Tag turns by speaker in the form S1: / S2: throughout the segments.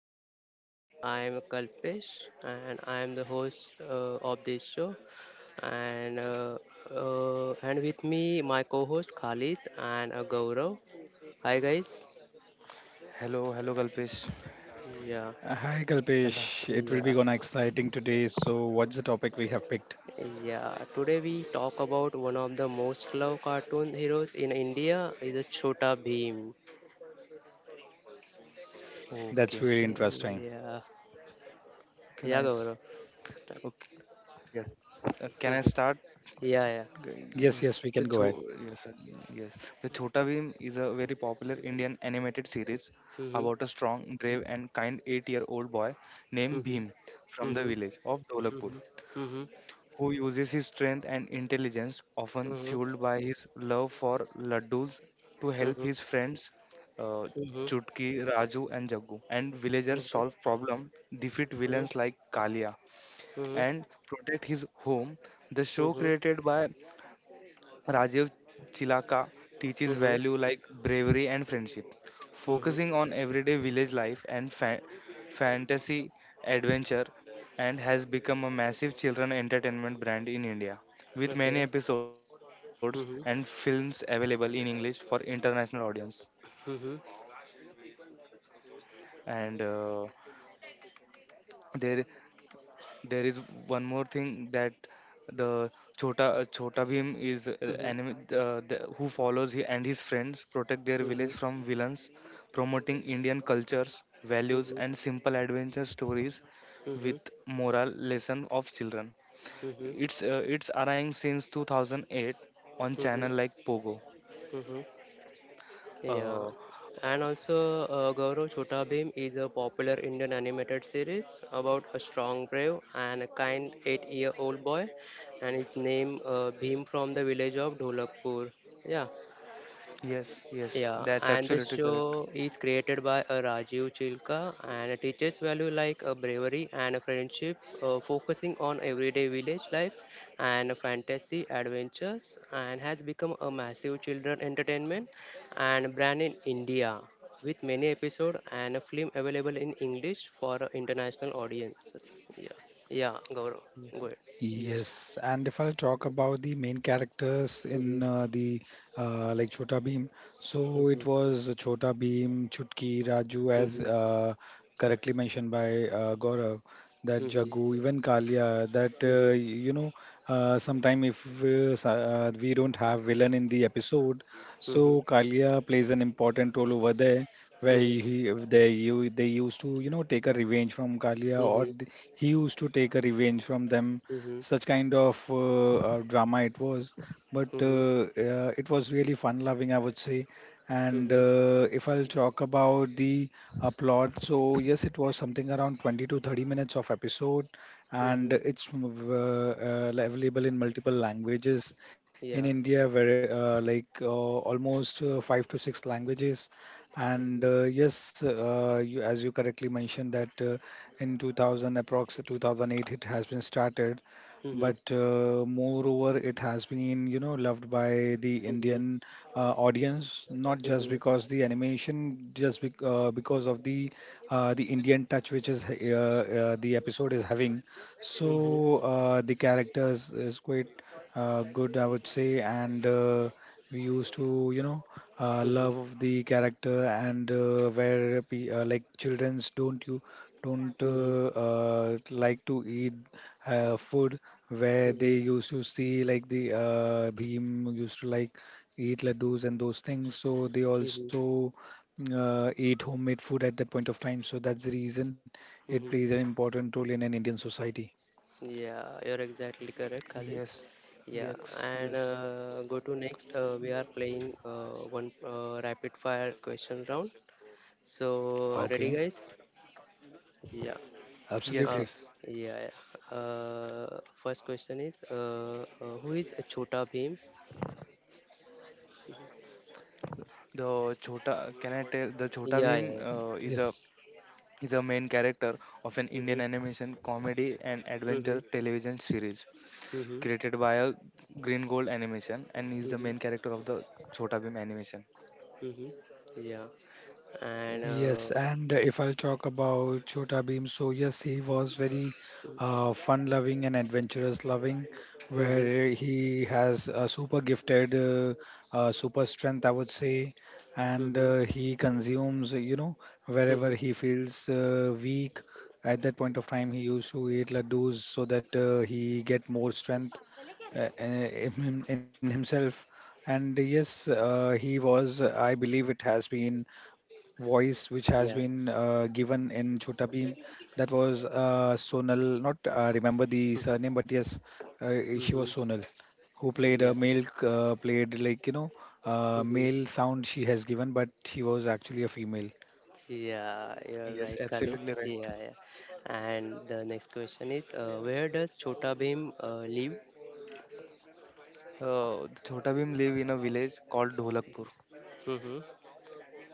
S1: our podcast. I am Kalpesh and I am the host of this show. And uh, and with me, my co-host Khalid and Gaurav. Hi, guys.
S2: Hello, hello, Kalpesh.
S1: Yeah,
S3: Hi Kalpesh,
S2: Hello.
S3: it will be
S1: yeah,
S3: gonna exciting today. So what's the topic we have picked?
S1: yeah. Today we talk about one of the most loved cartoon heroes in India, is a Chota Bheem.
S2: Okay.
S3: That's really interesting.
S1: Yeah,
S2: Okay,
S1: yeah,
S2: nice.
S1: Gaurav. Start.
S2: Okay. Yes. Can I
S1: Mhm.
S2: start?
S1: Yeah, yeah.
S2: Okay,
S3: Yes,
S2: yes.
S3: yes, we
S2: The
S3: can go ahead.
S2: Cho- yes, yes. The Chota Bheem is a very popular Indian animated series
S1: Mm-hmm.
S2: about a strong, brave, and kind eight-year-old boy named Bhim
S1: Mm-hmm.
S2: from the
S1: Mm-hmm.
S2: village of Dolakpur,
S1: Mm-hmm. Mm-hmm.
S2: who uses his strength and intelligence, often
S1: Mhm.
S2: fueled by his love for laddus, to help
S1: Mhm.
S2: his friends uh,
S1: Mhm.
S2: Chutki, Raju, and Jagu, and villagers solve
S1: Mhm.
S2: problems, defeat
S1: Mhm.
S2: villains like Kalia,
S1: Mhm.
S2: and protect his home. The show,
S1: Mhm.
S2: created by Rajiv Chilaka, teaches
S1: Mhm.
S2: value like bravery and friendship,
S1: Mhm.
S2: focusing on everyday village life and fantasy adventure, and has become a massive children entertainment brand in India, with many
S1: Okay.
S2: episodes and films
S1: Mhm.
S2: available in English for international audience.
S1: Mhm.
S2: And uh, there, There is one more thing, that the Chota Bhim is
S1: Mhm. Mhm.
S2: enemy who follows he, and his friends protect their village
S1: Mhm.
S2: from villains, promoting Indian cultures, values,
S1: Mhm.
S2: and simple adventure stories with moral lesson of children.
S1: Mhm.
S2: It's airing since 2008 on
S1: Mhm.
S2: channel like Pogo.
S1: Mhm.
S2: Uh,
S1: Yeah.
S2: uh,
S1: And also, Gaurav Chota Bhim is a popular Indian animated series about a strong, brave, and a kind eight-year-old boy, and his name Bhim from the village of Dholakpur. Yeah.
S2: yes, yes,
S1: Yeah,
S2: that's
S1: and the
S2: absolutely correct.
S1: show is created by Rajiv Chilka and it teaches value like bravery and friendship, focusing on everyday village life and fantasy adventures, and has become a massive children entertainment and brand in India, with many episodes and a film available in English for international audiences. Yeah, yeah, Gaurav,
S2: Ye-
S1: go ahead.
S2: Yes,
S3: Yes, and if I'll talk about the main characters
S1: Mhm,
S3: in the like Chota Bheem, so
S1: mhm,
S3: it was Chota Bheem, Chutki, Raju, as
S1: mhm,
S3: correctly mentioned by Gaurav, that Jagu,
S1: mhm,
S3: even Kalia, that
S1: mhm,
S3: sometime if we don't have villain in the episode,
S1: mhm,
S3: so Kalia plays an important role over there. Where
S1: mhm,
S3: they used to, you know, take a revenge from Kalia, or
S1: mhm,
S3: he used to take a revenge from them.
S1: mhm.
S3: Such kind of drama it was, but
S1: Mhm.
S3: it was really fun-loving, I would say. And
S1: Mhm.
S3: if I'll talk about the plot, so yes, it was something around 20 to 30 minutes of episode, and
S1: Mhm.
S3: it's available in multiple languages in
S1: Yeah.
S3: India, where like almost five to six languages. And
S1: Mhm.
S3: yes, as you correctly mentioned that in 2000 approx 2008 it has been started,
S1: Mhm.
S3: but moreover it has been loved by the
S1: Mhm.
S3: Indian audience, not just
S1: Mhm.
S3: because the animation, just bec because of the Indian touch which is the episode is having. So
S1: Mhm. Mhm.
S3: the characters is quite good, I would say. And we used to you know love the character. And where like childrens don't
S1: Mhm.
S3: like to eat food, where they
S1: Mhm.
S3: used to see like the Bhim used to like eat laddus and those things. So they
S1: Mhm.
S3: also eat homemade food at that point of time. So that's the reason it
S1: Mhm.
S3: plays an important role in an Indian society.
S1: Yeah, you're exactly correct, Khalid.
S2: yes,
S1: Yeah,
S2: yes,
S1: and
S2: yes,
S1: go to next. We are playing one rapid fire question round. So, ready,
S3: Okay,
S1: guys? Yeah.
S2: yes, yes.
S3: absolutely.
S1: Uh, yeah. First question is who is Chota Bhim?
S2: The Chota, can I tell? The Chota
S1: Yeah,
S2: Bhim
S1: yeah, yeah.
S2: uh, is a
S3: Yes.
S2: is a main character of an
S1: Mm-hmm,
S2: Indian animation comedy and
S1: mm-hmm,
S2: adventure television series
S1: mm-hmm,
S2: created by a Green Gold Animation, and is the main
S1: mm-hmm.
S2: character of the Chota Bhim animation.
S1: Mm-hmm. Yeah. And
S2: Yes,
S3: Yes, and if I'll talk about Chota Bhim, so yes, he was very
S1: mm-hmm.
S3: fun-loving and adventurous-loving, where he has a super gifted, super strength, I would say, and
S1: Mm-hmm.
S3: he consumes, wherever
S1: Mm-hmm.
S3: he feels weak. At that point of time, he used to eat laddus so that he get more strength in himself. And yes, he was, I believe it has been voice which has been
S1: Yeah.
S3: given in Chota Bheem. That was Sonal, not remember the
S1: Mm-hmm.
S3: surname, but yes, uh, she was
S1: Mm-hmm.
S3: Sonal, who played a
S1: Yeah.
S3: male, played like,
S1: Mm-hmm.
S3: male sound she has given, but she was actually a female.
S1: Yeah, you're
S2: yes,
S1: right, Khalid.
S2: absolutely right.
S1: Yeah, yeah. And the next question is, where does Chota Bhim live?
S2: The Chota Bhim live in a village called Dholakpur.
S1: Mm-hmm.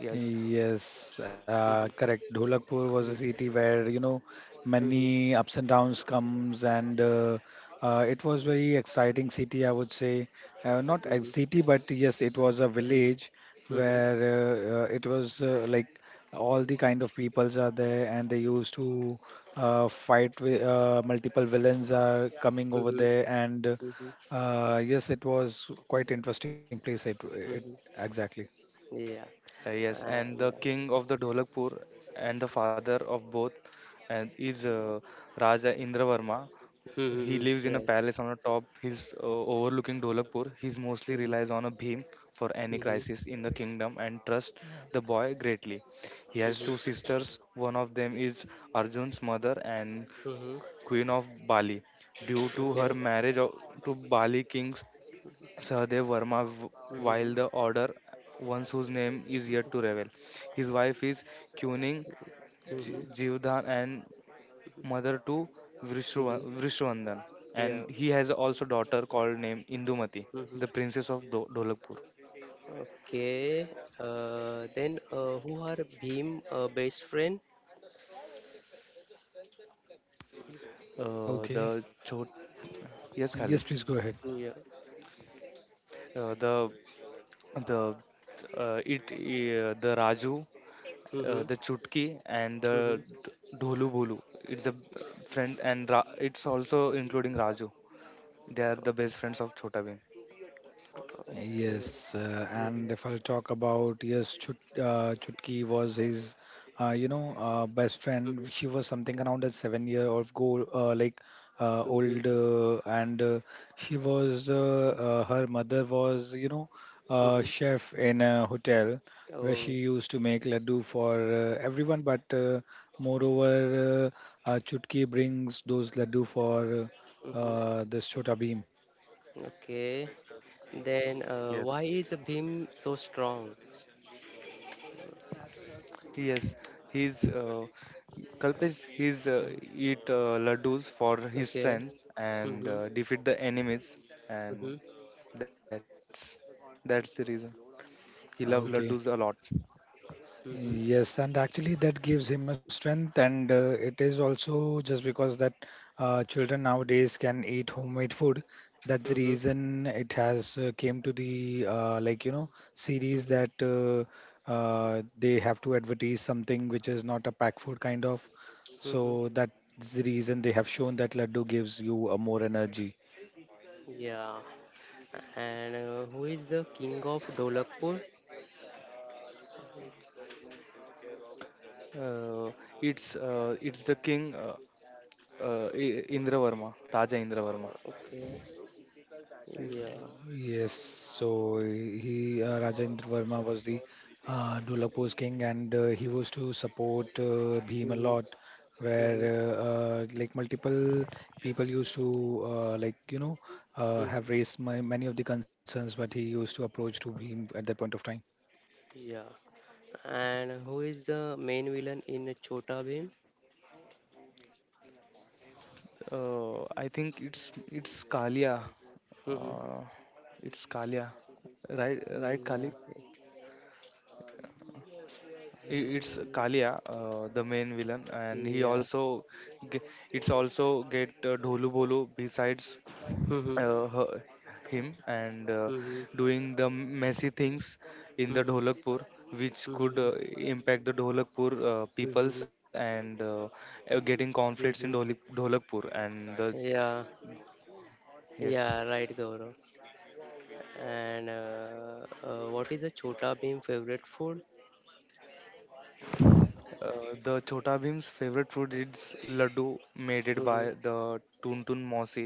S2: Yes,
S3: Yes,
S1: Mm-hmm.
S3: correct. Dholakpur was a
S1: Mm-hmm.
S3: city where, you know,
S1: Mm-hmm.
S3: many ups and downs comes, and it was very exciting city, I would say. Not a
S1: Mm-hmm.
S3: city, but yes, it was a village
S1: Mm-hmm. Mm-hmm.
S3: where it was like all the kind of peoples are there, and they used to fight with multiple villains are coming over
S1: Mm-hmm.
S3: there, and
S1: Mm-hmm.
S3: yes, it was quite interesting place. It
S1: Mm-hmm.
S3: exactly.
S1: Yeah.
S2: yes, and the
S1: Yeah.
S2: king of the Dholakpur and the father of both, and is Raja Indravarma. He
S1: Mm-hmm.
S2: lives in a
S1: Right.
S2: palace on a top. He's overlooking Dholakpur. He's mostly
S1: Mm-hmm.
S2: relies on a beam for any
S1: Mm-hmm.
S2: crisis in the kingdom and trusts the boy greatly. He has two
S1: Mm-hmm.
S2: sisters. One of them is Arjun's mother and
S1: Mm-hmm.
S2: queen of Bali, due to her
S1: Okay.
S2: to Bali king Sahadev Verma, while
S1: Mm-hmm.
S2: the order ones whose name is yet to reveal. His wife is Kuning
S1: Mm-hmm.
S2: Jivdhan, and mother to
S1: Mm-hmm.
S2: Vishruvardhan,
S1: Yeah.
S2: and he has also daughter called name Indumati, the
S1: Mm-hmm.
S2: princess of Dolapur.
S1: Okay. Then who are Bhim best friend?
S2: Uh, the
S3: Okay.
S2: Chot, yes, Khalid.
S3: Yes, please go ahead.
S1: Yeah.
S2: Uh, the the the Raju,
S1: Mm-hmm.
S2: the Chutki, and the
S1: Mm-hmm.
S2: Dholu Bolu. It's a friend, and it's also including Raju. They are the
S1: Uh,
S2: best friends of Chota
S1: okay.
S3: Yes,
S1: Mm-hmm.
S3: and if I'll talk about yes, Chutki was his, best friend. She was something around a seven-year-old girl, like
S1: Mm-hmm.
S3: old, and she was her mother was, you know, a
S1: Mm-hmm.
S3: chef in a hotel where she
S1: Oh.
S3: used to make laddu for everyone. But moreover, Chutki brings those laddu for
S1: Mm-hmm.
S3: this Chota Bheem.
S1: Okay. Then
S2: Bhim.
S1: why is Bhim so strong?
S2: Yes, he's Kalpesh. He's
S1: Mhm.
S2: eat laddus for his
S1: Okay.
S2: strength and
S1: Mm-hmm.
S2: defeat the enemies,
S1: Mm-hmm.
S2: and that's that's the reason. He loved laddus a
S1: Mm-hmm.
S2: lot.
S3: Okay.
S1: Mm-hmm.
S3: Yes, and actually that gives him a strength, and it is also just because that children nowadays can eat homemade food. That's the
S1: Mm-hmm.
S3: reason it has came to the like, you know, series that they have to advertise something which is not a pack food kind of.
S1: Mm-hmm.
S3: So that's the reason they have shown that laddu gives you a more energy.
S1: Yeah. And who is the king of Dolakpur?
S2: Uh, it's the king, Indravarma, Raja Indravarma.
S1: Okay.
S2: Yes,
S1: Yeah.
S3: Yes, so he Rajendra Verma was the Dolapur's king, and he was to support Bhim a
S1: Mm-hmm.
S3: lot, where
S1: Mm-hmm.
S3: like multiple people used to like, you know,
S1: Mm-hmm.
S3: have raised many of the concerns, but he used to approach to Bhim at that point of time.
S1: Yeah. And who is the main villain in Chota Bheem?
S2: I think it's Kalia.
S1: Mm-hmm.
S2: Uh, it's Kalia, right? Right, Kali?
S1: Yeah.
S2: It's
S1: Mm,
S2: Kalia, the main villain, and he
S1: yeah.
S2: also ge- it's also get Dholu Bolu besides
S1: Mm-hmm.
S2: uh, her, him, and
S1: Mm-hmm.
S2: doing the messy things in the
S1: Mm-hmm.
S2: Dholakpur, which could
S1: Mm-hmm.
S2: impact the Dholakpur peoples
S1: Mm-hmm.
S2: and getting conflicts in
S1: Mm-hmm.
S2: Dholakpur and the
S1: Yeah.
S2: yes.
S1: Yeah, right, Gaurav. And what is the Chota Bheem favorite food?
S2: The Chota Bhim's favorite food is laddu made it
S1: Mm-hmm.
S2: by the Tuntun Mosi.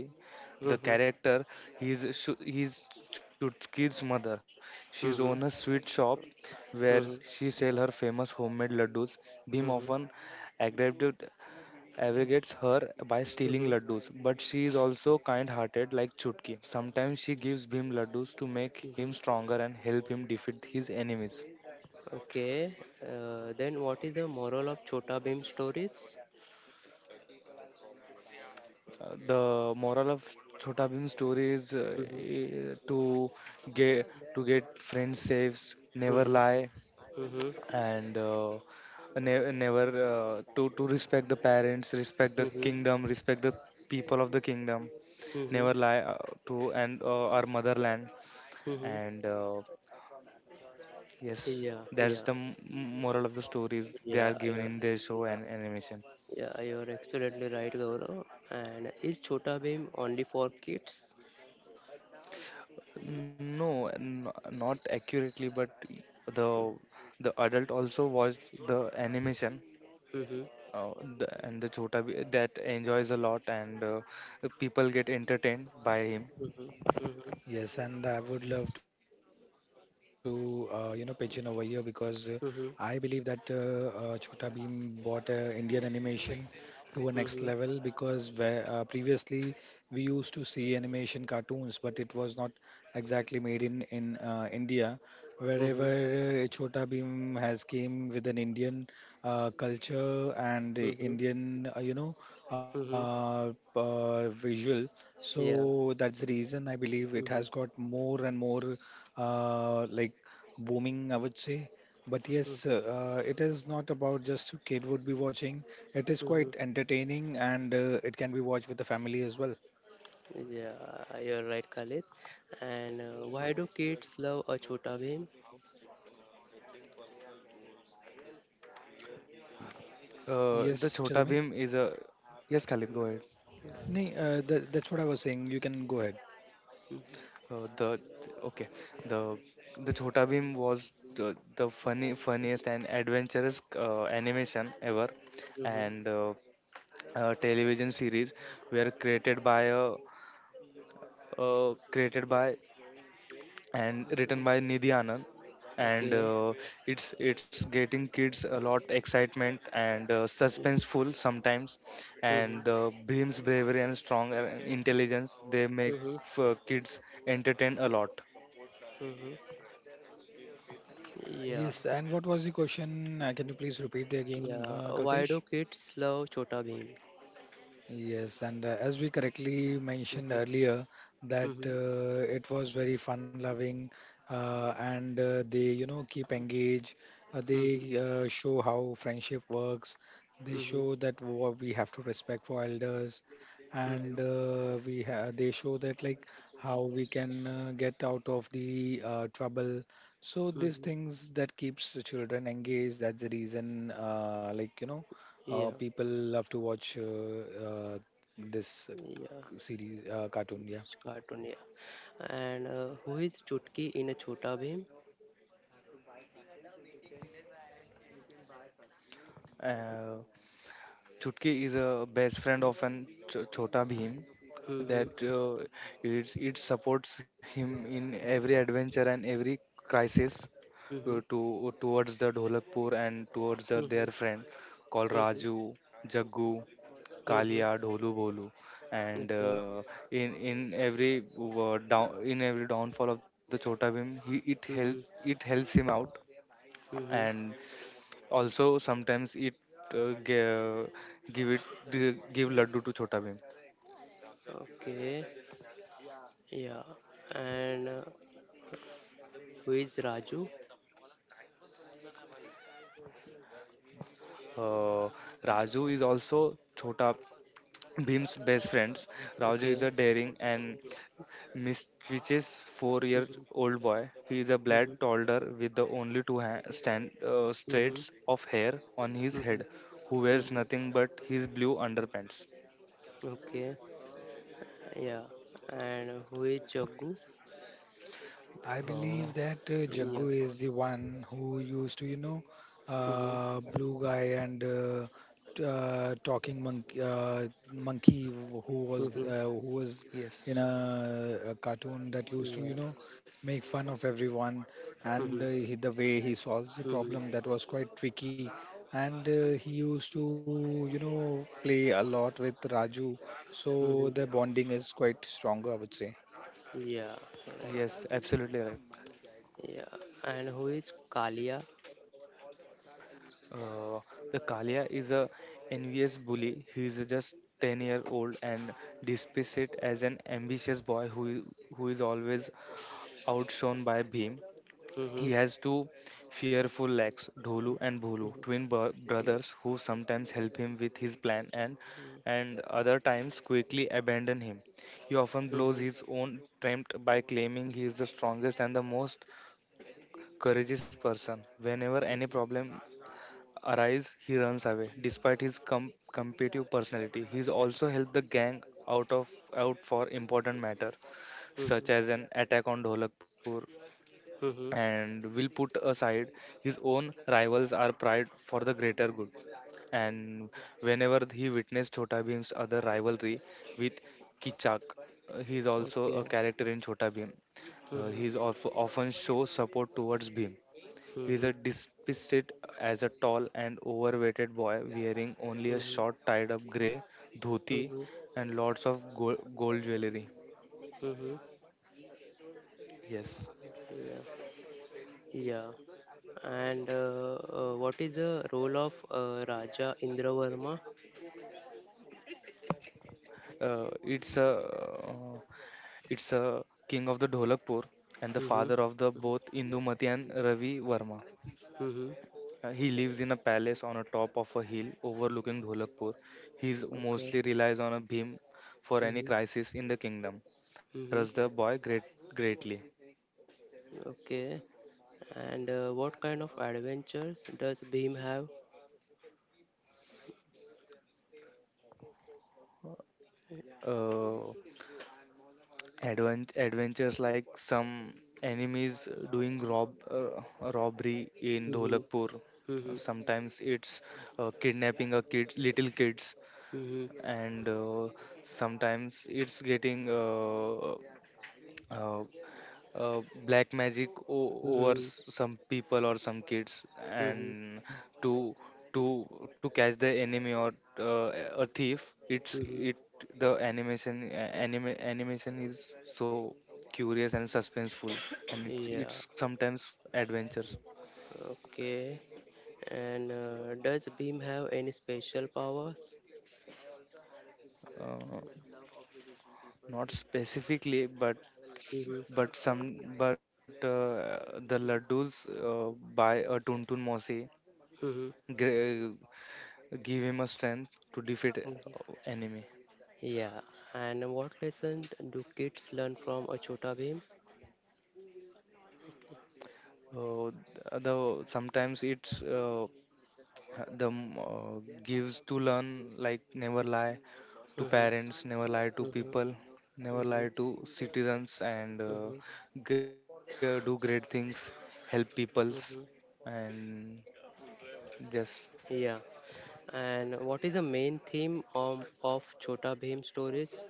S2: The
S1: Mhm.
S2: character, he's Chutki's mother. She's
S1: Mhm.
S2: own a sweet shop where
S1: Mhm.
S2: she sell her famous homemade laddus. Bhim
S1: Mhm.
S2: often aggravated aggravates her by stealing
S1: Mhm.
S2: laddus, but she is also kind-hearted like Chutki. Sometimes she gives Bhim laddus to make
S1: Mhm.
S2: him stronger and help him defeat his enemies.
S1: Okay. Then what is the moral of Chota Bhim stories?
S2: The moral of Chhota Bhim story is,
S1: Mhm.
S2: to get get friends saves, never
S1: Mhm.
S2: lie,
S1: Mhm.
S2: and never to respect the parents, respect the
S1: Mhm.
S2: kingdom, respect the people of the kingdom,
S1: Mhm.
S2: never lie to, and our motherland,
S1: Mhm.
S2: and yes,
S1: Yeah.
S2: that's
S1: Yeah.
S2: the m- moral of the stories they
S1: Yeah.
S2: are given
S1: Yeah.
S2: in their show
S1: Yeah.
S2: and animation.
S1: Yeah. You're absolutely right, Gaurav. And is Chota Bhim only for kids? Mhm.
S2: No, not accurately, but the the adult also watch the animation,
S1: Mhm.
S2: uh, and the that enjoys a lot, and people get entertained by him.
S1: Mhm. Mhm.
S3: Yes, and I would love to, pitch in over here, because I believe that
S1: Mhm.
S3: Chhota Bheem brought Indian animation to a next level, because where, previously we used to see animation cartoons, but it was not exactly made in India. Wherever
S1: Mhm.
S3: Chhota Bheem has came with an Indian culture and
S1: Mhm.
S3: Indian,
S1: Mhm.
S3: visual.
S1: Yeah.
S3: So that's the reason I believe it has
S1: Mhm.
S3: got more and more like booming, I would say. But yes,
S1: Mhm.
S3: it is not about just kid would be watching. It is
S1: Mhm.
S3: quite entertaining, and it can be watched with the family as well.
S1: Yeah, you're right, Khalid. And why do kids love a Chota Bheem?
S2: The
S3: Yes,
S2: Chota
S3: tell
S2: Bhim
S3: me.
S2: is a yes, Khalid, go ahead.
S3: That's what I was saying. You can go ahead.
S2: The okay, the the Chota Bhim was the funny funniest and adventurous animation ever,
S1: Mm-hmm.
S2: and television series were created by a, created by and written by Nidhi Anand, and
S1: Okay.
S2: it's getting kids a lot excitement and
S1: Mm-hmm.
S2: suspenseful sometimes,
S1: Mm-hmm.
S2: and Bhim's bravery and strong intelligence they make
S1: Mm-hmm.
S2: kids entertain a lot.
S1: Mm-hmm. Yeah.
S3: Yes, and what was the question? Can you please repeat the again,
S1: Yeah. Why
S3: Kalpesh?
S1: do kids love Chota Bheem?
S3: Yes, and as we correctly mentioned
S1: Mm-hmm.
S3: earlier, that
S1: Mm-hmm.
S3: it was very fun-loving, and they, you know, keep engaged.
S1: Mm-hmm.
S3: They show how friendship works. They
S1: Mm-hmm.
S3: show that what we have to respect for elders, and
S1: Mm-hmm.
S3: we ha they show that like how we can get out of the trouble. So these
S1: Mm-hmm.
S3: things that keeps the children engaged. That's the reason, like, you know,
S1: Yeah.
S3: people love to watch this
S1: Yeah.
S3: series cartoon. Yeah.
S1: It's cartoon. Yeah. And who is Chutki in a Chota Bheem?
S2: Uh, Chutki is a best friend of an Chota Bhim
S1: Mm-hmm.
S2: that, it supports him in every adventure and every crisis
S1: Mm-hmm.
S2: to towards the Dholakpur and towards the their
S1: Mm-hmm.
S2: friend called
S1: Mm-hmm.
S2: Raju, Jaggu,
S1: Mm-hmm.
S2: Kalia, Dholu Bolu, and
S1: Okay.
S2: in every down in every downfall of the Chota Bhim, he it help
S1: Mhm.
S2: it helps him out,
S1: Mhm.
S2: and also sometimes it, uh, give, give it give Laddu to Chota Bhim.
S1: Okay. Yeah. And who is Raju?
S2: Uh, Raju is also Chota Bhim's best friends. Raju is
S1: Okay.
S2: a daring and mischievous
S1: Mhm.
S2: four-year-old boy. He is a
S1: Mhm.
S2: black toddler with the only two
S1: Mhm.
S2: strands of hair on his
S1: Mhm.
S2: head, who wears
S1: Mhm.
S2: nothing but his blue underpants.
S1: Okay. Yeah. And who is Jaggu?
S3: I
S2: Uh,
S3: believe that
S1: Yeah.
S3: Jaggu is the one who used to, you know,
S1: Mhm.
S3: blue guy, and talking monkey, monkey who was
S1: Mhm.
S3: uh, who was in
S2: yes,
S3: a cartoon that used to, you
S1: Yeah.
S3: know, make fun of everyone. And
S1: Mhm.
S3: the way he solves the
S1: Mhm.
S3: problem, that was quite tricky. And he used to, you know, play a lot with Raju, so
S1: Mhm.
S3: the bonding is quite stronger, I would say.
S1: Yeah. Right.
S2: yes, absolutely right.
S1: Yeah. And who is Kalia?
S2: Uh, the Kalia is a envious bully. He is just 10-year-old and displays it as an ambitious boy who is always outshone by Bhim.
S1: Mhm.
S2: He has two fearful legs, Dholu and Bholu,
S1: Mhm.
S2: twin
S1: Mhm.
S2: brothers who sometimes help him with his plan, and other times quickly abandon him. He often blows
S1: Mhm.
S2: his own trump by claiming he is the strongest and the most courageous person. Whenever any
S1: Mhm.
S2: problem arises, he runs away. Despite his competitive personality, he's also helped the gang out for important matter, such
S1: Mhm.
S2: as an attack on Dholakpur,
S1: Mhm.
S2: and will put aside his own rivals or pride for the greater good. And whenever he witnessed Chhota Bhim's other rivalry with Kichak, he is also a
S1: Okay.
S2: character in Chhota Bhim.
S1: Mhm.
S2: He is of, often show support towards Bhim. He is
S1: Mm-hmm.
S2: a despiced as a tall and overweighted boy wearing only a
S1: Mm-hmm.
S2: short tied up grey dhoti
S1: Mm-hmm.
S2: and lots of gold jewelry.
S1: Mm-hmm.
S2: Yes.
S1: Yeah. Yeah. And what is the role of Raja Indravarma?
S2: Uh, it's a uh, it's a king of the Dholakpur and the
S1: Mm-hmm.
S2: father of the both Indumati and Ravi Varma.
S1: Mm-hmm.
S2: He lives in a palace on a top of a hill overlooking Dholakpur. He
S1: Okay.
S2: mostly relies on a beam for any
S1: Mm-hmm.
S2: crisis in the kingdom and
S1: Mm-hmm.
S2: trusts the boy greatly.
S1: Okay. And what kind of adventures does Bhim have?
S2: uh, Adventures like some enemies doing robbery in
S1: Mm-hmm.
S2: Dholakpur.
S1: Mm-hmm.
S2: Sometimes it's kidnapping a kid, little kids,
S1: Mm-hmm.
S2: and sometimes it's getting uh, black magic over
S1: Mm-hmm.
S2: some people or some kids, and
S1: Mm-hmm.
S2: to to to catch the enemy or uh, a thief. it's
S1: Mm-hmm.
S2: it the animation a- anime animation is so curious and suspenseful, and
S1: Yeah.
S2: it's sometimes adventures.
S1: Okay. And does Beam have any special powers?
S2: uh, Not specifically, but s-
S1: Mm-hmm.
S2: but some but the laddus uh, by a tuntun mosi
S1: Mm-hmm.
S2: gr- give him a strength to defeat
S1: Hmm.
S2: enemy.
S1: Yeah. And what lesson do kids learn from a Chota Beam?
S2: Though sometimes it's, gives to learn like never lie to
S1: Mm-hmm.
S2: parents, never lie to
S1: Mm-hmm.
S2: people, never
S1: Mm-hmm.
S2: lie to citizens, and
S1: Mm-hmm.
S2: do great things, help peoples,
S1: Mm-hmm.
S2: and just,
S1: Yeah. And what is the main theme of Chota Bhim stories?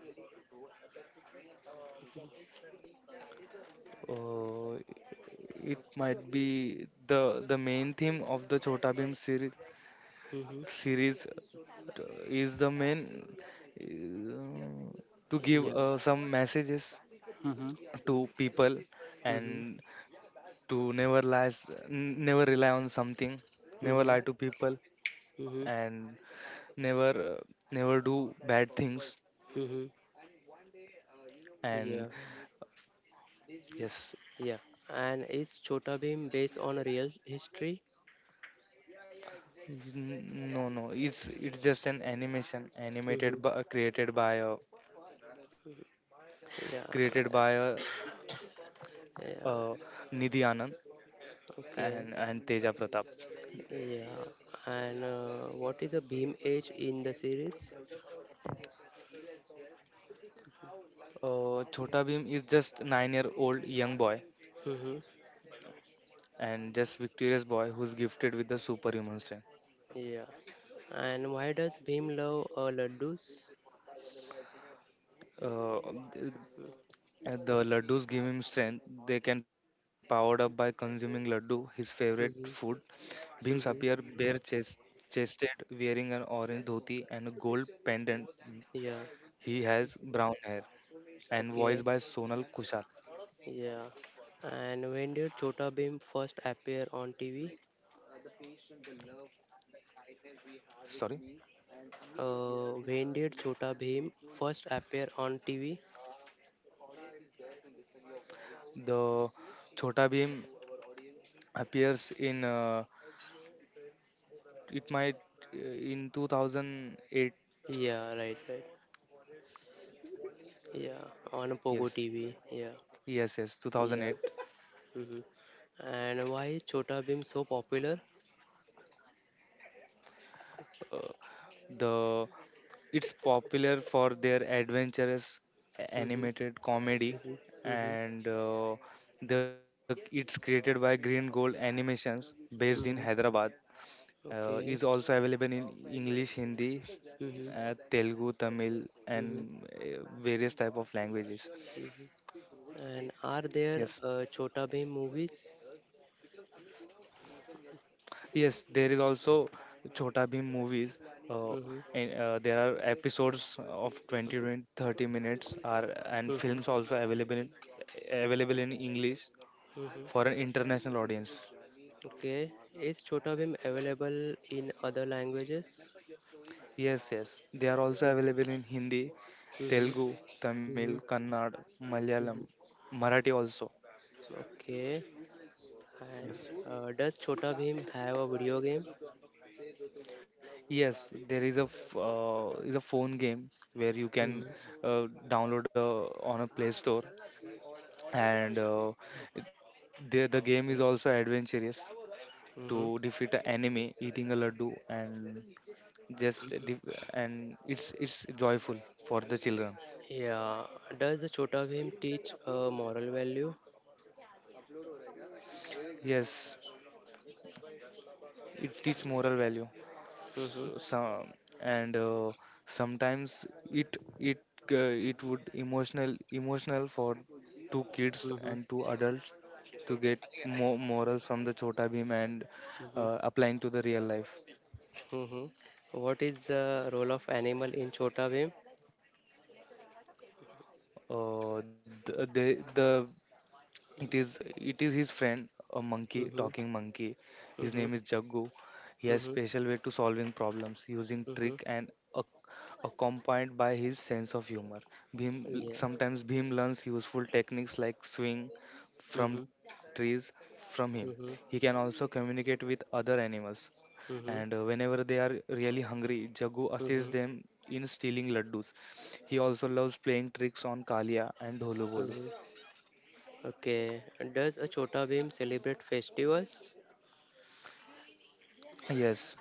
S2: uh, it might be the main theme of the chota bhim
S1: Mm-hmm.
S2: series. T- is the main, uh, to give
S1: Yeah.
S2: some messages to people,
S1: Mm-hmm.
S2: and to never lies, never rely on something, never
S1: Mm-hmm.
S2: lie to people,
S1: Mm-hmm.
S2: and never uh, never do bad things.
S1: Mm-hmm.
S2: And
S1: Yeah.
S2: yes.
S1: Yeah. And is Chota Bhim based on a real history?
S2: No, no, it's just an animation
S1: Mm-hmm.
S2: animated by, created by
S1: Yeah,
S2: created by
S1: yeah,
S2: uh, Nidhi Anand
S1: okay,
S2: and Teja Pratap.
S1: yeah. And what is a Bhim age in the series?
S2: Chota Bhim is just 9 year old young boy,
S1: Mm-hmm.
S2: and just victorious boy who's gifted with the superhuman strength.
S1: Yeah. And why does Bhim love laddus?
S2: Uh, th- and the laddus give him strength. They can powered up by consuming laddu, his favorite food.
S1: Mm-hmm.
S2: Beam's appear
S1: Mm-hmm.
S2: chested, wearing an orange dhoti and a gold pendant.
S1: Yeah,
S2: He has brown hair and
S1: okay,
S2: voiced by Sonal Kushal.
S1: yeah. And when did Chota Bhim first appear on TV?
S2: Sorry,
S1: When did Chota Bhim first appear on TV?
S2: the Chota Beam appears in, it might in 2008.
S1: Yeah, right, right. Yeah, on Pogo
S2: yes
S1: TV. Yeah,
S2: yes
S1: yeah.
S2: 2008.
S1: Mm-hmm. And why is Chota Bhim so popular?
S2: Uh, the It's popular for their adventurous
S1: Mm-hmm,
S2: animated comedy,
S1: mm-hmm, mm-hmm,
S2: and the it's created by Green Gold Animations based in
S1: mm-hmm.
S2: Hyderabad. Is
S1: Okay.
S2: also available in English, Hindi,
S1: Mm-hmm,
S2: Telugu, Tamil, and
S1: mm-hmm,
S2: various type of languages.
S1: mm-hmm. And are there
S2: Yes,
S1: Chota Bhim movies?
S2: yes. There is also Chota Bhim movies. Uh,
S1: Mm-hmm,
S2: and There are episodes of 20
S1: mm-hmm,
S2: to 30 minutes, are and
S1: mm-hmm,
S2: films also available in english
S1: mm-hmm.
S2: for an international audience.
S1: Okay. Is Chota Bhim available in other languages?
S2: Yes, yes. They are also
S1: Mm-hmm,
S2: available in Hindi,
S1: mm-hmm,
S2: Telugu, Tamil,
S1: mm-hmm,
S2: Kannada, Malayalam,
S1: mm-hmm.
S2: Marathi also.
S1: Okay. And does Chota Bhim have a video game?
S2: Yes, there is a is a phone game where you
S1: Mm-hmm,
S2: can uh, download a, on a Play Store, and the game is also adventurous, to
S1: mm-hmm.
S2: defeat an enemy eating a laddu, and just def- and it's joyful for the children.
S1: Yeah. Does the Chota Bhim teach a moral value?
S2: Yes, it teach moral value,
S1: Mm-hmm.
S2: so, some and uh, sometimes it it it would emotional for two kids
S1: Mm-hmm.
S2: and two adults to get more morals from the Chota Bhim and
S1: Mm-hmm.
S2: applying to the real life.
S1: Mm-hmm. What is the role of animal in Chota Bhim?
S2: uh, the it is it is his friend, a monkey
S1: Mm-hmm.
S2: talking monkey. His
S1: Mm-hmm.
S2: name is Jaggu. He has
S1: Mm-hmm.
S2: special way to solving problems using
S1: Mm-hmm.
S2: trick and ac- accompanied by his sense of humor. Bhim,
S1: Yeah.
S2: sometimes Bhim learns useful techniques like swing from
S1: Mm-hmm.
S2: trees from him. He can
S1: Mm-hmm.
S2: also communicate with other animals, and
S1: Mm-hmm.
S2: whenever they are really hungry, Jagu assists
S1: Mm-hmm.
S2: them in stealing laddus. He also loves playing tricks on Kalia and Dholu Bolu.
S1: Mm-hmm. Okay. Does a Chota Bhim celebrate festivals?
S2: Yes,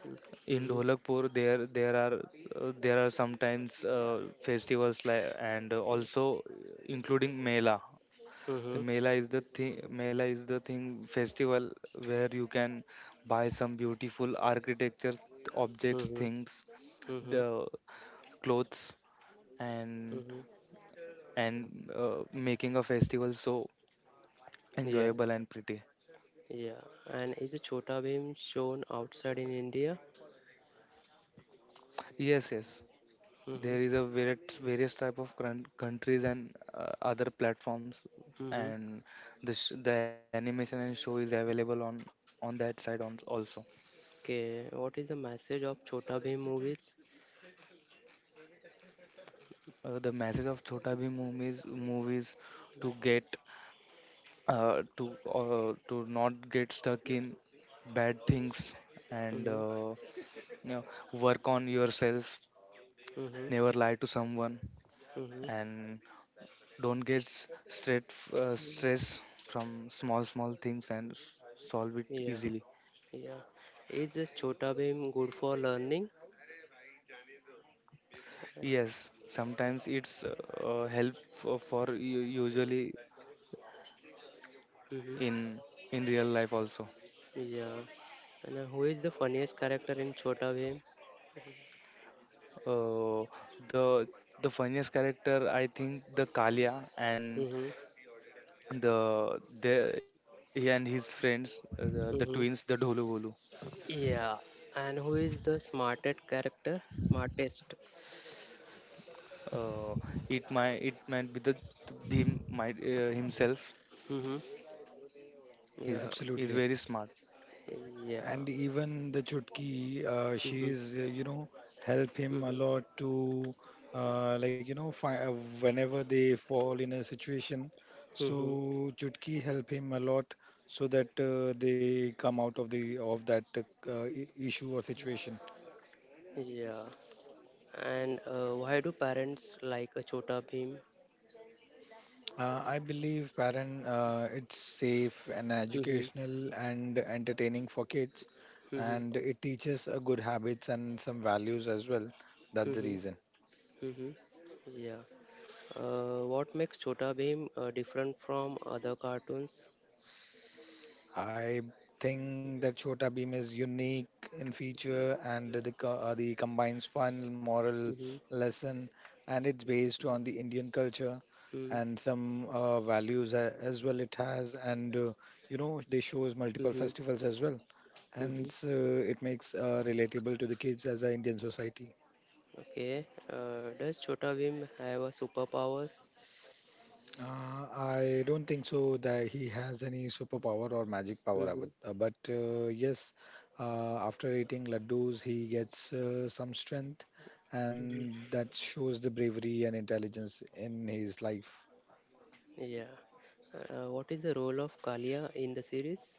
S2: in
S1: Mm-hmm.
S2: Dholakpur there are there are sometimes festivals like, and also including Mela. The
S1: Mm-hmm.
S2: Mela is the thing. Mela is the thing festival where you can buy some beautiful architecture objects,
S1: Mm-hmm.
S2: things,
S1: Mm-hmm.
S2: the clothes, and
S1: Mm-hmm.
S2: making a festival so
S1: Yeah.
S2: enjoyable and pretty.
S1: Yeah. And is a Chota Bhim shown outside in India?
S2: Yes, yes.
S1: Mm-hmm.
S2: There is a various type of countries and other platforms,
S1: Mm-hmm.
S2: and the animation and show is available on that side on also.
S1: Okay, what is the message of Chota Bhim movies?
S2: The message of Chota Bhim movies to get, to not get stuck in bad things, and
S1: Mm-hmm.
S2: you know, work on yourself,
S1: Mm-hmm.
S2: never lie to someone,
S1: Mm-hmm.
S2: and don't get
S1: Mm.
S2: stress from small small things and solve it
S1: Yeah,
S2: easily.
S1: yeah. Is Chota Bhim good for learning?
S2: Yes, sometimes it's help for, usually
S1: Mm-hmm.
S2: in in real life also.
S1: Yeah. And who is the funniest character in Chota Bhim?
S2: uh, the the funniest character, I think the Kalia and
S1: Mm-hmm.
S2: the he and his friends, the twins, the
S1: Mm-hmm.
S2: Dholu Volu.
S1: Yeah. And who is the smartest character? Smartest.
S2: uh, it might be the Bhim might himself.
S1: Mm-hmm. Yeah.
S2: He's
S3: Absolutely.
S2: very smart.
S1: Yeah.
S3: And even the Chutki,
S1: Mm-hmm.
S3: she's help him a
S1: Mm-hmm.
S3: lot to like, whenever they fall in a situation, so
S1: Mm-hmm.
S3: Chutki help him a lot so that they come out of the of that issue or situation.
S1: Yeah. And why do parents like a Chota Bheem?
S3: I believe parent, it's safe and
S1: Mm-hmm.
S3: educational and entertaining for kids,
S1: Mm-hmm.
S3: and it teaches good habits and some values as well. That's the
S1: Mm-hmm.
S3: reason.
S1: Mm-hmm. Yeah. What makes Chota Bheem different from other cartoons?
S3: I think that Chota Bheem is unique in feature, and the combines fun, moral
S1: Mm-hmm.
S3: lesson, and it's based on the Indian culture
S1: Mm-hmm.
S3: and some values as well it has, and they shows multiple
S1: Mm-hmm.
S3: festivals as well,
S1: Mm-hmm.
S3: hence it makes relatable to the kids as a Indian society.
S1: Okay. Does Chota Bheem have a superpowers?
S3: I don't think so that he has any superpower or magic power. I
S1: Mm-hmm.
S3: would, but yes, after eating laddus, he gets some strength,
S1: Mm-hmm.
S3: and that shows the bravery and intelligence in his life.
S1: Yeah. What is the role of Kalia in the series?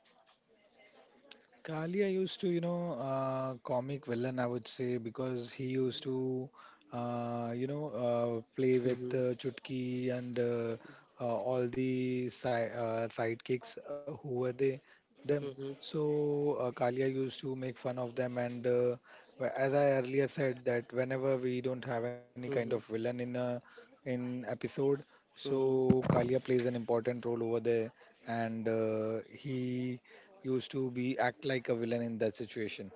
S3: Kali, I used to, you know, comic villain, I would say, because he used to, you know, play with
S1: Mm-hmm.
S3: Chutki and uh, all the si sidekicks who were they them.
S1: Mm-hmm.
S3: So Kalia used to make fun of them, and as I earlier said, that whenever we don't have any kind of villain
S1: Mm-hmm.
S3: in episode, so
S1: Mm-hmm.
S3: Kalia plays an important role over there, and he used to be act like a villain in that situation.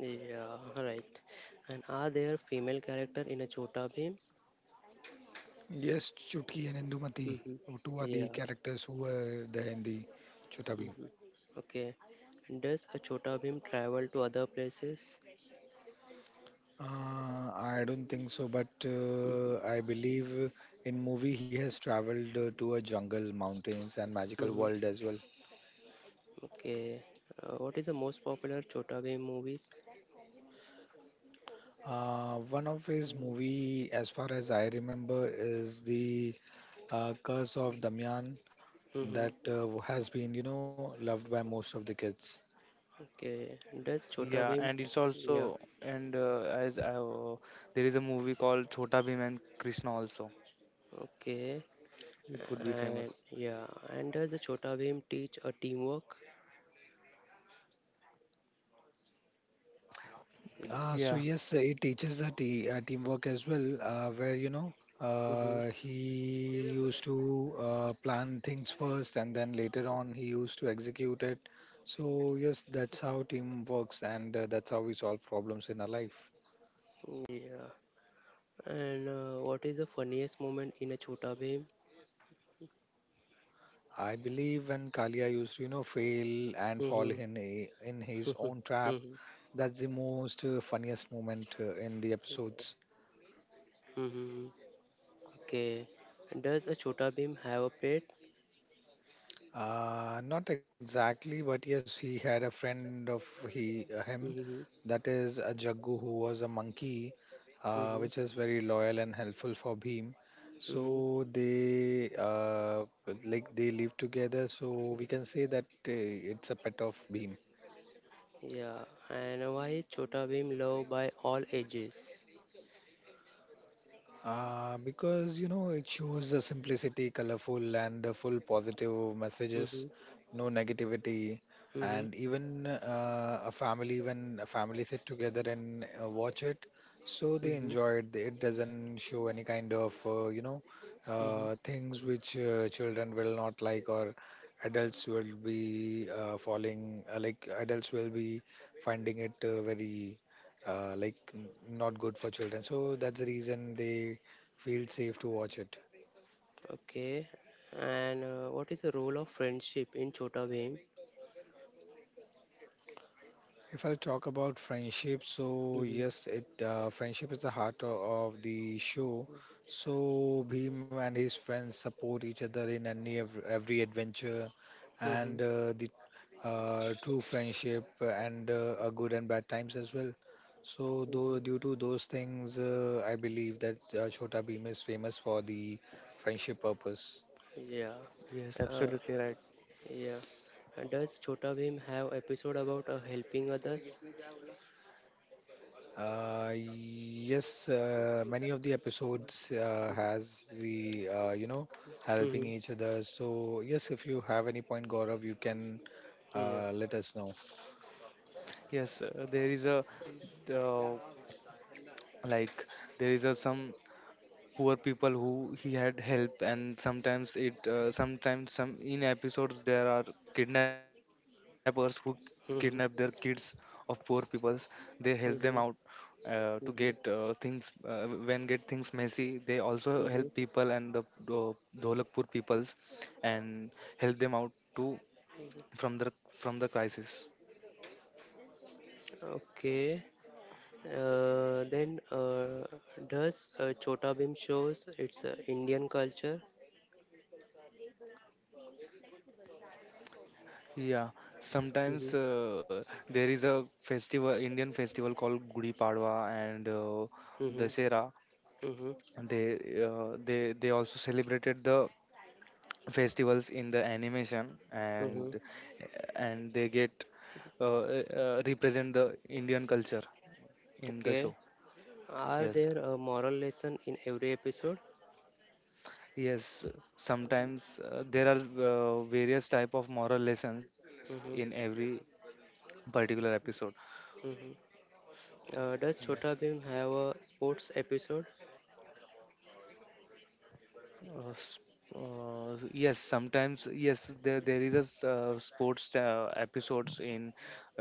S1: Yeah, right. And are there female character in a Chota Bhim?
S3: Yes, Chutki and Indumati,
S1: Mm-hmm.
S3: two are the
S1: Yeah.
S3: characters who were there in the Chutabi.
S1: Mm-hmm. Okay. And does a Chota Bhim travel to other places?
S3: I don't think so, but
S1: Mm-hmm.
S3: I believe in movie he has traveled to a jungle, mountains, and magical
S1: Mm-hmm.
S3: world as well.
S1: Okay. What is the most popular Chota Bhim movies?
S3: One of his movie, as far as I remember, is the Curse of Damyan
S1: Mm-hmm.
S3: that has been, you know, loved by most of the kids.
S1: Okay. Does Chota
S2: Yeah,
S1: Bhim?
S2: and it's
S1: Yeah.
S2: also, and there is a movie called Chota Bhim and Krishna also.
S1: Okay.
S2: It would be
S1: And
S2: famous.
S1: yeah. And does the Chota Bhim teach a teamwork?
S3: So
S2: Yeah,
S3: yes, it teaches a te teamwork as well, where you know
S1: Mm-hmm.
S3: he used to plan things first, and then later on he used to execute it. So yes, that's how team works, and that's how we solve problems in our life.
S1: Yeah. And what is the funniest moment in a Chota Bheem?
S3: I believe when Kalia used to, you know, fail and fall in
S1: Mhm,
S3: in his own
S1: mhm,
S3: trap,
S1: mhm,
S3: that's the most funniest moment in the episodes.
S1: mhm. okay. Does a Chota Bheem have a pet?
S3: Not exactly, but yes, he had a friend of he him,
S1: Mhm,
S3: that is a Jaggu who was a monkey,
S1: mhm,
S3: which is very loyal and helpful for Bhim.
S1: mhm.
S3: So they like they live together. So we can say that it's a pet of Bhim.
S1: Yeah. And why is Chota Bheem loved by all ages?
S3: Because you know it shows a simplicity, colorful, and full positive messages,
S1: Mhm,
S3: no negativity,
S1: mhm,
S3: and even a family when a family sit together and watch it, so they
S1: mhm,
S3: enjoy it. It doesn't show any kind of
S1: mhm.
S3: things which children will not like, or adults will be falling like adults will be finding it very like not good for children. So that's the reason they feel safe to watch it.
S1: Okay. And what is the role of friendship in Chota Bheem?
S3: If I talk about friendship, so
S1: Mhm,
S3: yes, it friendship is the heart of the show. So Bhim and his friends support each other in any every adventure,
S1: mhm,
S3: and the true friendship and a good and bad times as well. So though
S1: mhm.
S3: due to those things, I believe that Chhota Bhim is famous for the friendship purpose.
S1: Yeah.
S2: yes,
S1: Uh,
S2: absolutely right.
S1: yeah. And does Chota Bhim have episode about helping others?
S3: Yes, many of the episodes has the
S1: Mm-hmm.
S3: helping each other. So yes, if you have any point, Gaurav, you can
S1: Yeah.
S3: let us know.
S2: Yes, there is a uh, like there is a some poor people who he had help, and sometimes it sometimes some in episodes there are kidnappers who kidnap their kids of
S1: Mm-hmm.
S2: poor peoples. They help them out
S1: Mm-hmm.
S2: to get things.
S1: Mm-hmm.
S2: When get things messy, they also help people,
S1: Mm-hmm.
S2: and the uh, Dholakpur peoples, and help them out to, from the, from the crisis.
S1: Okay. Then does Chota Bhim shows its Indian culture?
S2: Yeah,
S1: Mm-hmm.
S2: sometimes there is a festival, Indian festival called Gudi Padwa and
S1: Mm-hmm.
S2: Dasera.
S1: Mm-hmm.
S2: They they also celebrated the festivals in the animation,
S1: Mm-hmm.
S2: and they get represent the Indian culture in the
S1: Okay.
S2: show.
S1: Are
S2: Yes,
S1: there a moral lesson in every episode?
S2: yes. Sometimes there are various type of moral lessons in every
S1: Mm-hmm.
S2: particular episode.
S1: Mm-hmm. Does
S2: Yes.
S1: Chota Bhim have a sports episode?
S2: Uh, s- yes, sometimes yes, there is a sports episodes in.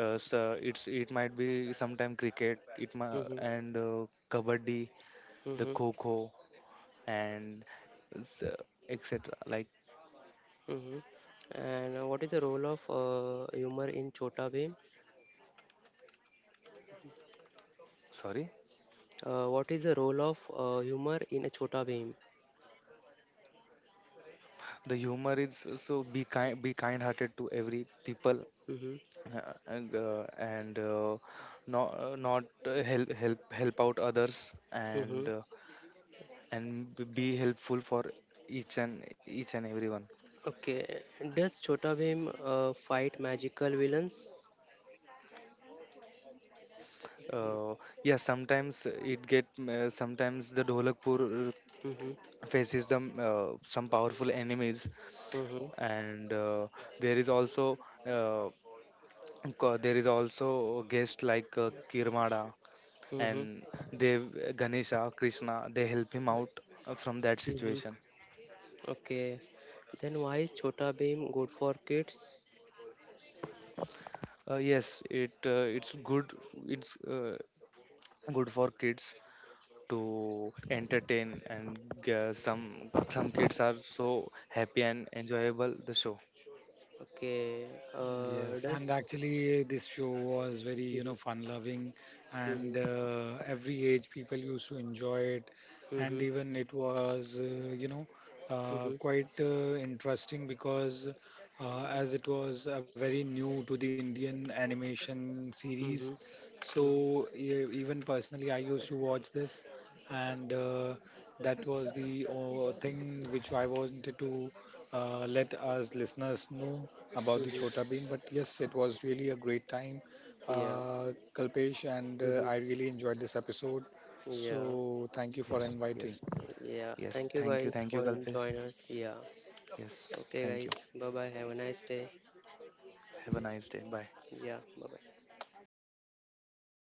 S2: So it's it might be sometime cricket, it ma,
S1: Mm-hmm.
S2: and kabaddi, the
S1: Mm-hmm.
S2: kho, and s- uh, etc. Like,
S1: Hmm. And what is the role of humor in Chota Bheem?
S2: sorry,
S1: What is the role of humor in a Chota Bheem?
S2: the humor is so be kind, be kind-hearted to every people,
S1: Hmm.
S2: and not not help help out others
S1: Hmm.
S2: and. And be helpful for each and everyone.
S1: Okay. Does Chota Bheem fight magical villains?
S2: uh, yeah, sometimes it get, sometimes the Dholakpur
S1: Mm-hmm.
S2: faces them some powerful enemies,
S1: Mm-hmm.
S2: and there is also uh, there is also guest like Kirmada and
S1: Mm-hmm.
S2: Dev Ganesha Krishna. They help him out from that
S1: Mm-hmm.
S2: situation.
S1: Okay. Then why is Chota Bheem good for kids?
S2: Yes, it's good, it's good for kids to entertain, and some kids are so happy and enjoyable the show.
S1: Okay. Uh,
S3: Yes, and
S1: does.
S3: actually, this show was very, you
S1: Mm-hmm.
S3: know, fun-loving, and
S1: Mm-hmm.
S3: every age people used to enjoy it, and
S1: Mm-hmm.
S3: even it was, you know,
S1: Mm-hmm.
S3: quite interesting because as it was very new to the Indian animation series,
S1: Mm-hmm. Mm-hmm.
S3: so even personally, I used to watch this, and that was the thing which I wanted to let us listeners know about the Chhota
S1: Mm-hmm.
S3: Bheem. But yes, it was really a great time,
S1: Yeah.
S3: Kalpesh, and I
S1: Mm-hmm.
S3: really enjoyed this episode.
S1: Yeah,
S3: So thank you
S2: Yes,
S3: for
S2: yes,
S3: inviting.
S1: yeah.
S2: yes,
S1: Thank you
S2: thank you,
S1: guys for
S2: Kalpesh.
S1: joining us. Yeah.
S2: Yes,
S1: Okay,
S2: thank you,
S1: guys. Bye bye. Have a nice day.
S2: have a nice day, bye.
S1: Yeah. Bye bye.